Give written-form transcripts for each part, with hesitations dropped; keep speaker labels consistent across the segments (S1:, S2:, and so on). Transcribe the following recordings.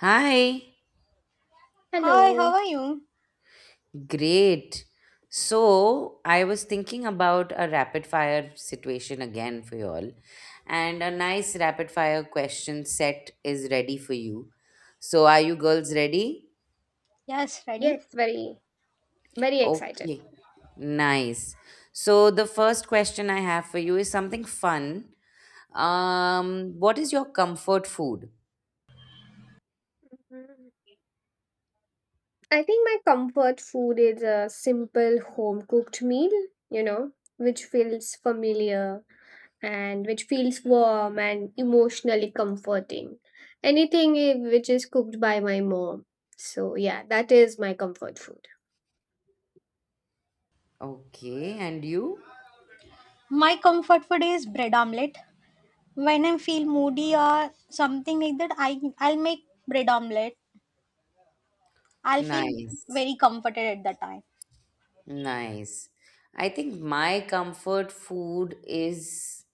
S1: Hi,
S2: Hi, how
S3: Hello.
S2: are you?
S1: great. So, I was thinking about a rapid fire situation again for you all, and a nice rapid fire question set is ready for you. So, are you girls ready?
S2: Yes, ready.
S3: Yes, very, very excited.
S1: Okay, nice. So, the first question I have for you is something fun. What is your comfort food?
S3: Mhm. I think my comfort food is a simple home cooked meal, you know, which feels familiar and which feels warm and emotionally comforting. Which is cooked by my mom. So, yeah, that is my comfort food.
S1: Okay, and you?
S2: My comfort food is bread omelette. When I feel moody or something like that, I'll make bread omelette. I'll feel
S1: Nice,
S2: very comforted at that time.
S1: nice. I think my comfort food is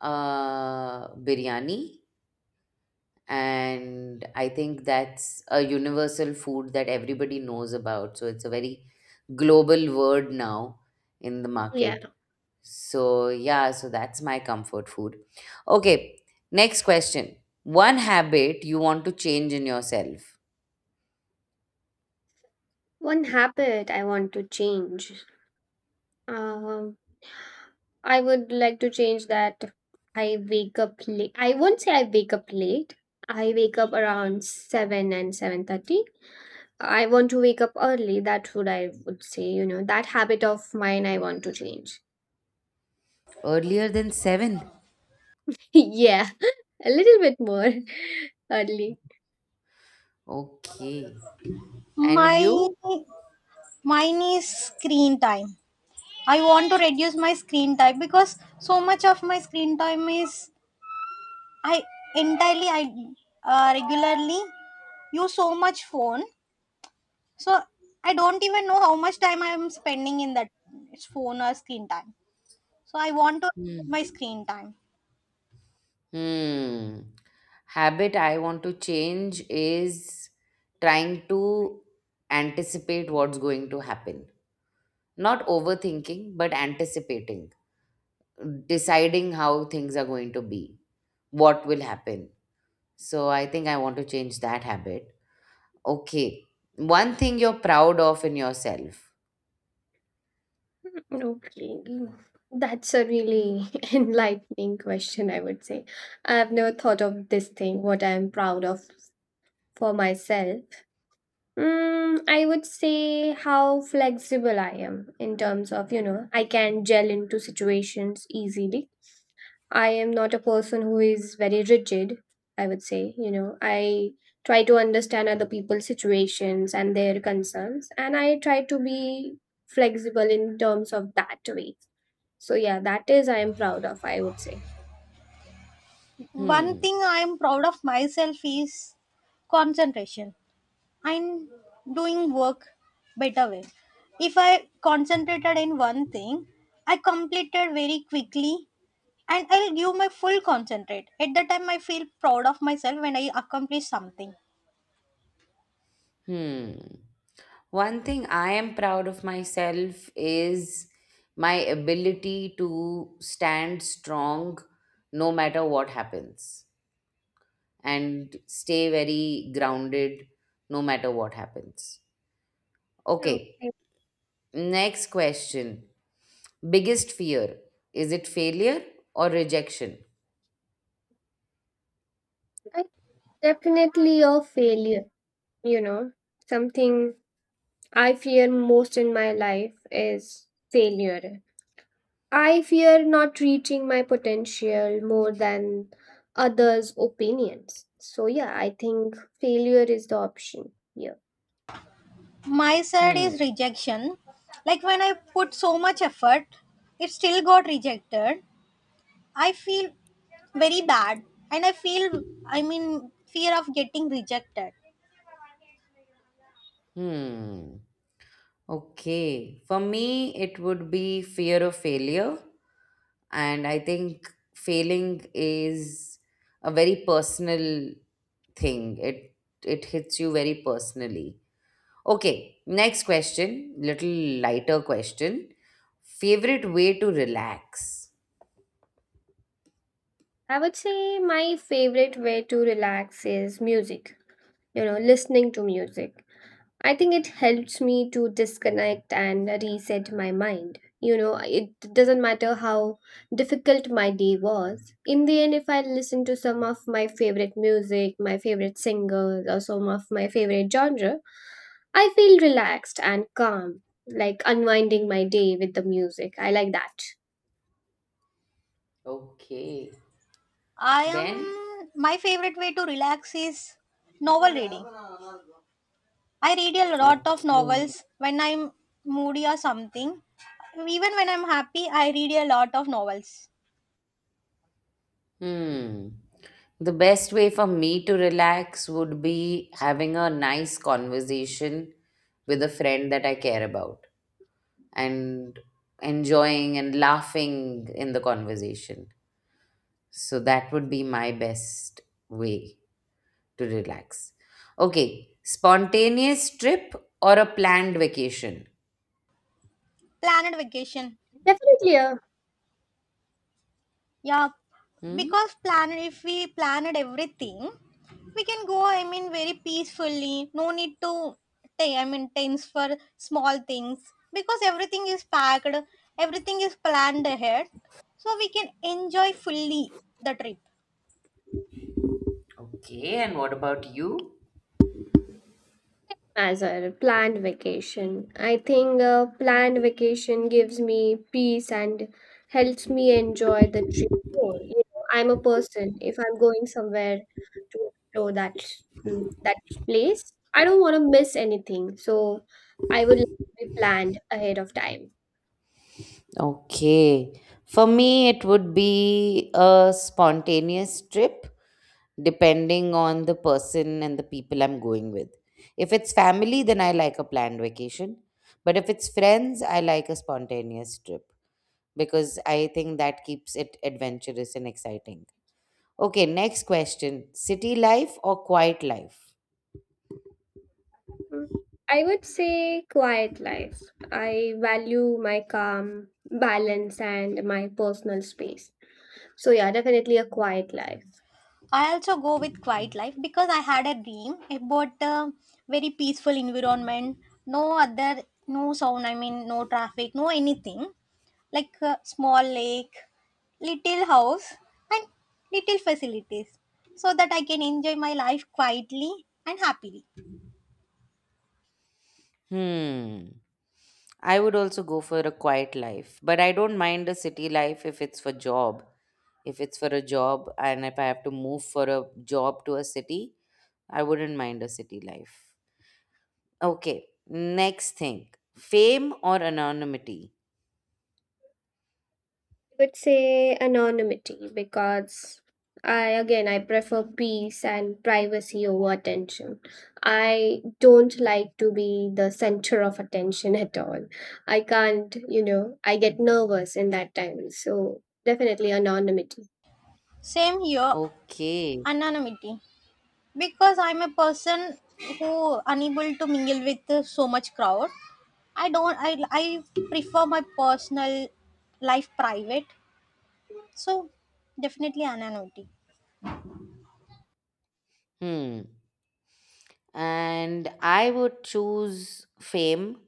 S1: biryani, and I think that's a universal food that everybody knows about. So it's a very global word now in the
S3: Yeah.
S1: market. So, yeah, so that's my comfort food. Okay, next question. One habit you want to change in yourself
S3: One habit I want to change. Um, I would like to change that. I wake up late. I won't say I wake up late. I wake up around 7 and 7:30. I want to wake up early. That's what I would say. You know that habit of mine. I want to change.
S1: earlier than seven.
S3: Yeah, a little bit more early.
S1: Okay. And
S2: My
S1: you?
S2: mine is screen time. I want to reduce my screen time because so much of my screen time is I entirely I regularly use so much phone. So I don't even know how much time I am spending in that phone or screen time. So I want to reduce my screen time.
S1: Hmm. Habit I want to change is trying to anticipate what's going to happen. Not overthinking, but anticipating, deciding how things are going to be, what will happen. So I think I want to change that habit. Okay. One thing you're proud of in yourself.
S3: Okay, that's a really enlightening question, I would say. I have never thought of this thing, what I am proud of for myself. Mm, I would say how flexible I am. In terms of, you know, I can gel into situations easily. I am not a person who is very rigid, I would say. You know, I try to understand other people's situations and their concerns, and I try to be flexible in terms of that way. So, yeah, that is I am proud of, I would say.
S2: One
S1: Hmm.
S2: thing I am proud of myself is concentration. I'm doing work better way. If I concentrated in one thing, I completed very quickly and I'll give my full concentrate. At that time I feel proud of myself when I accomplish something.
S1: Hmm. One thing I am proud of myself is my ability to stand strong no matter what happens and stay very grounded no matter what happens. Okay,
S3: Okay.
S1: next question. Biggest fear, is it failure or rejection?
S3: I definitely a failure, you know, something I fear most in my life is failure. I fear not reaching my potential more than others' opinions. So, yeah, I think failure is the option here.
S2: My side
S1: Hmm,
S2: is rejection. Like when I put so much effort, it still got rejected. I feel very bad and I feel fear of getting rejected.
S1: hmm. Okay, for me, it would be fear of failure, and I think failing is a very personal thing. It hits you very personally. Okay, next question, little lighter question, favorite way to relax.
S3: I would say my favorite way to relax is music, you know, listening to music. I think it helps me to disconnect and reset my mind. You know, it doesn't matter how difficult my day was. In the end, if I listen to some of my favorite music, my favorite singers, or some of my favorite genre, I feel relaxed and calm, like unwinding my day with the music. I like that.
S1: Okay.
S2: I
S1: Ben.
S2: am My favorite way to relax is novel reading. I read a lot of
S1: Okay.
S2: novels when I'm moody or something. Even when I'm happy, I read a lot of novels.
S1: Hmm. The best way for me to relax would be having a nice conversation with a friend that I care about and enjoying and laughing in the conversation. So that would be my best way to relax. Okay, spontaneous trip or a planned vacation?
S2: Planet vacation.
S3: Definitely,
S2: Yeah,
S1: Hmm?
S2: because plan if we planned everything, we can go. I mean, very peacefully. No need to. I mean, tense for small things because everything is packed. Everything is planned ahead, so we can enjoy fully the trip.
S1: Okay, and what about you?
S3: as a planned vacation. I think a planned vacation gives me peace and helps me enjoy the trip more. You know, I'm a person if I'm going somewhere to explore that that place, I don't want to miss anything. So I would like to be planned ahead of time.
S1: Okay. For me, it would be a spontaneous trip, depending on the person and the people I'm going with. If it's family, then I like a planned vacation. But if it's friends, I like a spontaneous trip because I think that keeps it adventurous and exciting. Okay, next question, city life or quiet life?
S3: Mm. I would say quiet life. I value my calm, balance, and my personal space. So yeah, definitely a quiet life.
S2: I also go with quiet life because I had a dream about a very peaceful environment, no other, no sound, I mean, no traffic, no anything, like a small lake, little house, and little facilities so that I can enjoy my life quietly and happily.
S1: Hmm. I would also go for a quiet life, but I don't mind a city life if it's for job. If it's for a job and if I have to move for a job to a city, I wouldn't mind a city life. Okay, next thing, fame or anonymity?
S3: I would say anonymity because I prefer peace and privacy over attention. I don't like to be the center of attention at all. I can't, you know, I get nervous in that time. So definitely anonymity.
S2: Same here,
S1: Okay.
S2: anonymity. Because I'm a person who unable to mingle with so much crowd. I don't i i prefer my personal life private. So definitely anonymity.
S1: Hmm. And I would choose fame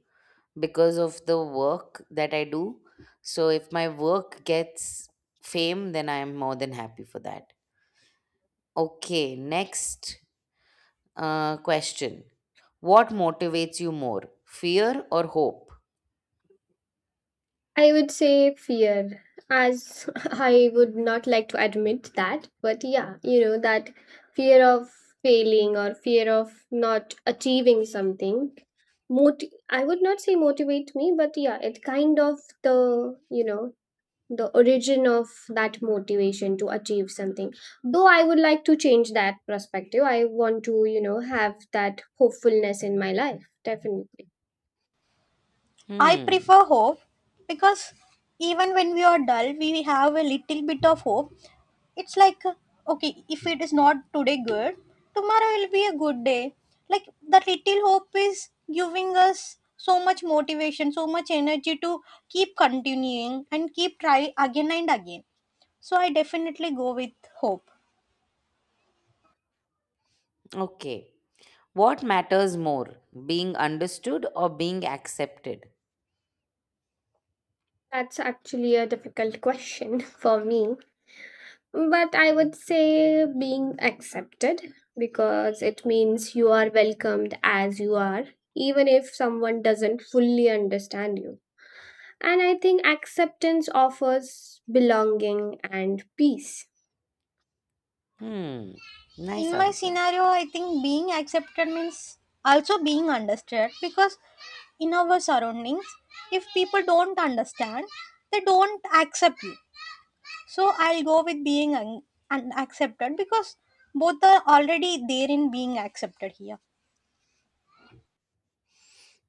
S1: because of the work that I do. So if my work gets fame, then I am more than happy for that. Okay, next question. What motivates you more, fear or hope?
S3: I would say fear, as I would not like to admit that, but yeah, you know, that fear of failing or fear of not achieving something. Mot- I would not say motivate me, but yeah, it kind of the, you know, the origin of that motivation to achieve something. Though I would like to change that perspective, I want to, you know, have that hopefulness in my life, definitely.
S2: I
S1: Hmm.
S2: prefer hope because even when we are dull, we have a little bit of hope. It's like, okay, if it is not today good, tomorrow will be a good day. Like, that little hope is giving us so much motivation, so much energy to keep continuing and keep try again and again. So, I definitely go with hope.
S1: Okay. What matters more, being understood or being accepted?
S3: That's actually a difficult question for me. But I would say being accepted because it means you are welcomed as you are, even if someone doesn't fully understand you. And I think acceptance offers belonging and peace.
S1: Hmm.
S2: In
S1: Nice
S2: my
S1: answer.
S2: scenario, I think being accepted means also being understood because in our surroundings, if people don't understand, they don't accept you. So I'll go with being accepted because both are already there in being accepted here.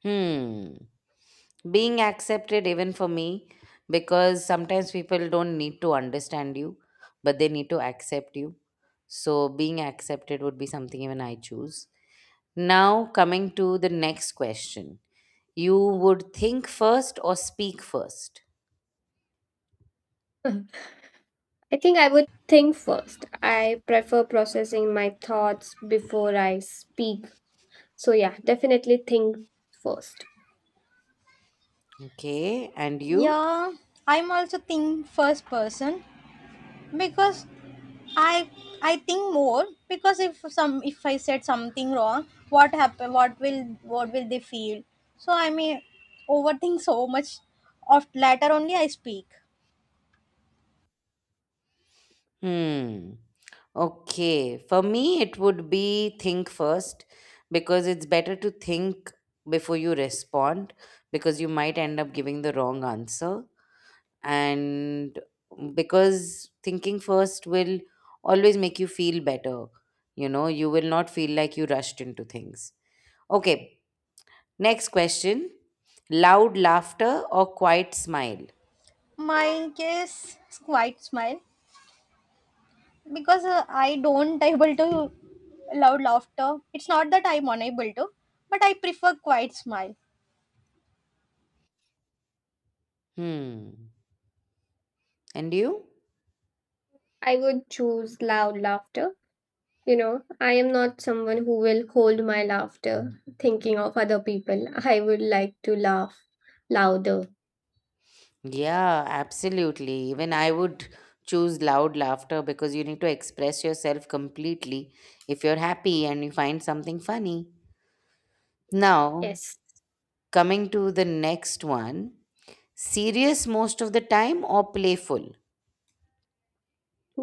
S1: Hmm. Being accepted, even for me, because sometimes people don't need to understand you, but they need to accept you. So, being accepted would be something even I choose. Now, coming to the next question, you would think first or speak first?
S3: I think I would think first. I prefer processing my thoughts before I speak. So, yeah, definitely think first.
S1: Okay. And you?
S2: Yeah, I'm also think first person because I I think more because if I said something wrong, what happen? What will they feel? So I may overthink so much. Of later only I speak.
S1: Hmm. Okay. For me, it would be think first because it's better to think before you respond because you might end up giving the wrong answer. And because thinking first will always make you feel better. You know, you will not feel like you rushed into things. Okay. Next question, loud laughter or quiet smile?
S2: My case is quite smile because I don't able to loud laughter. It's not that I'm unable to, but I prefer quiet smile.
S1: Hmm. And you?
S3: I would choose loud laughter. You know, I am not someone who will hold my laughter thinking of other people. I would like to laugh louder.
S1: Yeah, absolutely. Even I would choose loud laughter because you need to express yourself completely if you're happy and you find something funny. Now,
S3: Yes,
S1: coming to the next one, serious most of the time or playful?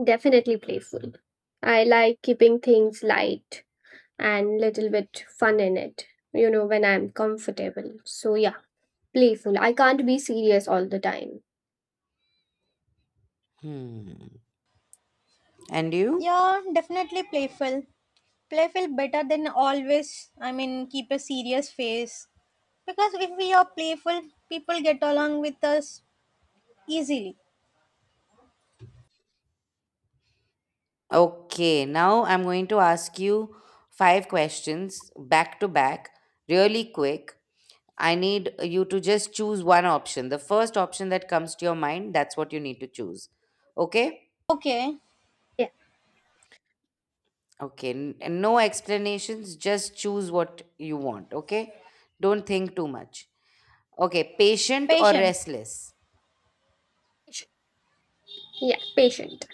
S3: definitely playful. I like keeping things light and little bit fun in it, you know, when I'm comfortable. So yeah, playful. I can't be serious all the time.
S1: Hmm. And you?
S2: Yeah, definitely playful. Playful better than always, I mean, keep a serious face. Because if we are playful, people get along with us easily.
S1: Okay, now I'm going to ask you five questions back to back, really quick. I need you to just choose one option. The first option that comes to your mind, that's what you need to choose. Okay?
S2: Okay,
S3: Yeah.
S1: Okay. And no explanations, just choose what you want. Okay? Don't think too much. Okay. Patient or
S2: patient,
S1: restless?
S3: Patient. Yeah, patient.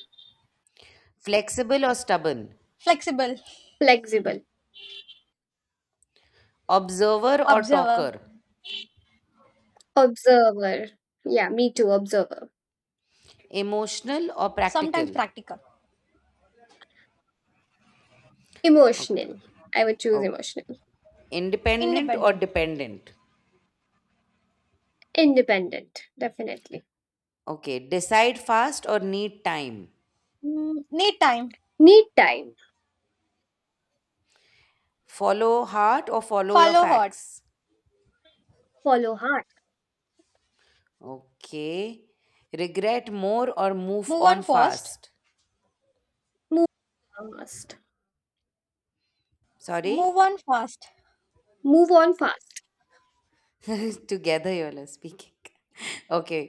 S1: Flexible or stubborn?
S2: flexible,
S3: Flexible.
S1: Observer or
S2: observer,
S1: talker?
S3: Observer. Yeah, me too, observer.
S1: Emotional or
S2: sometimes
S1: practical?
S2: practical,
S1: Oh,
S3: Emotional. I would choose
S1: oh.
S3: emotional.
S1: Independent or
S2: independent.
S1: dependent?
S3: Independent, definitely.
S1: Okay. Decide fast or need time?
S2: Mm, need time,
S3: Need time.
S1: Follow heart or follow your
S2: follow hard,
S1: facts?
S3: Follow hard.
S1: Okay. Regret more or move
S2: move on
S1: on
S2: fast.
S1: fast.
S3: Move fast.
S2: Move
S1: Sorry?
S2: on fast,
S3: Move on fast.
S1: Together you are speaking. Okay.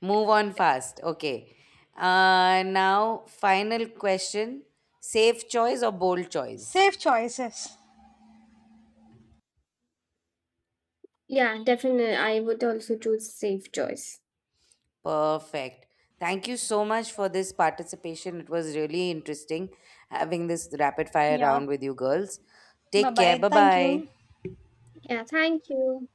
S1: Move on fast. Okay. Now, final question, safe choice or bold choice?
S2: safe choices.
S3: Yeah, definitely. I would also choose safe choice.
S1: Perfect. Thank you so much for this participation. It was really interesting having this rapid fire
S2: Yeah,
S1: round with you girls.
S2: bye
S1: Take care.
S2: bye.
S1: Bye
S2: Thank
S1: bye.
S2: you.
S3: Yeah, thank you.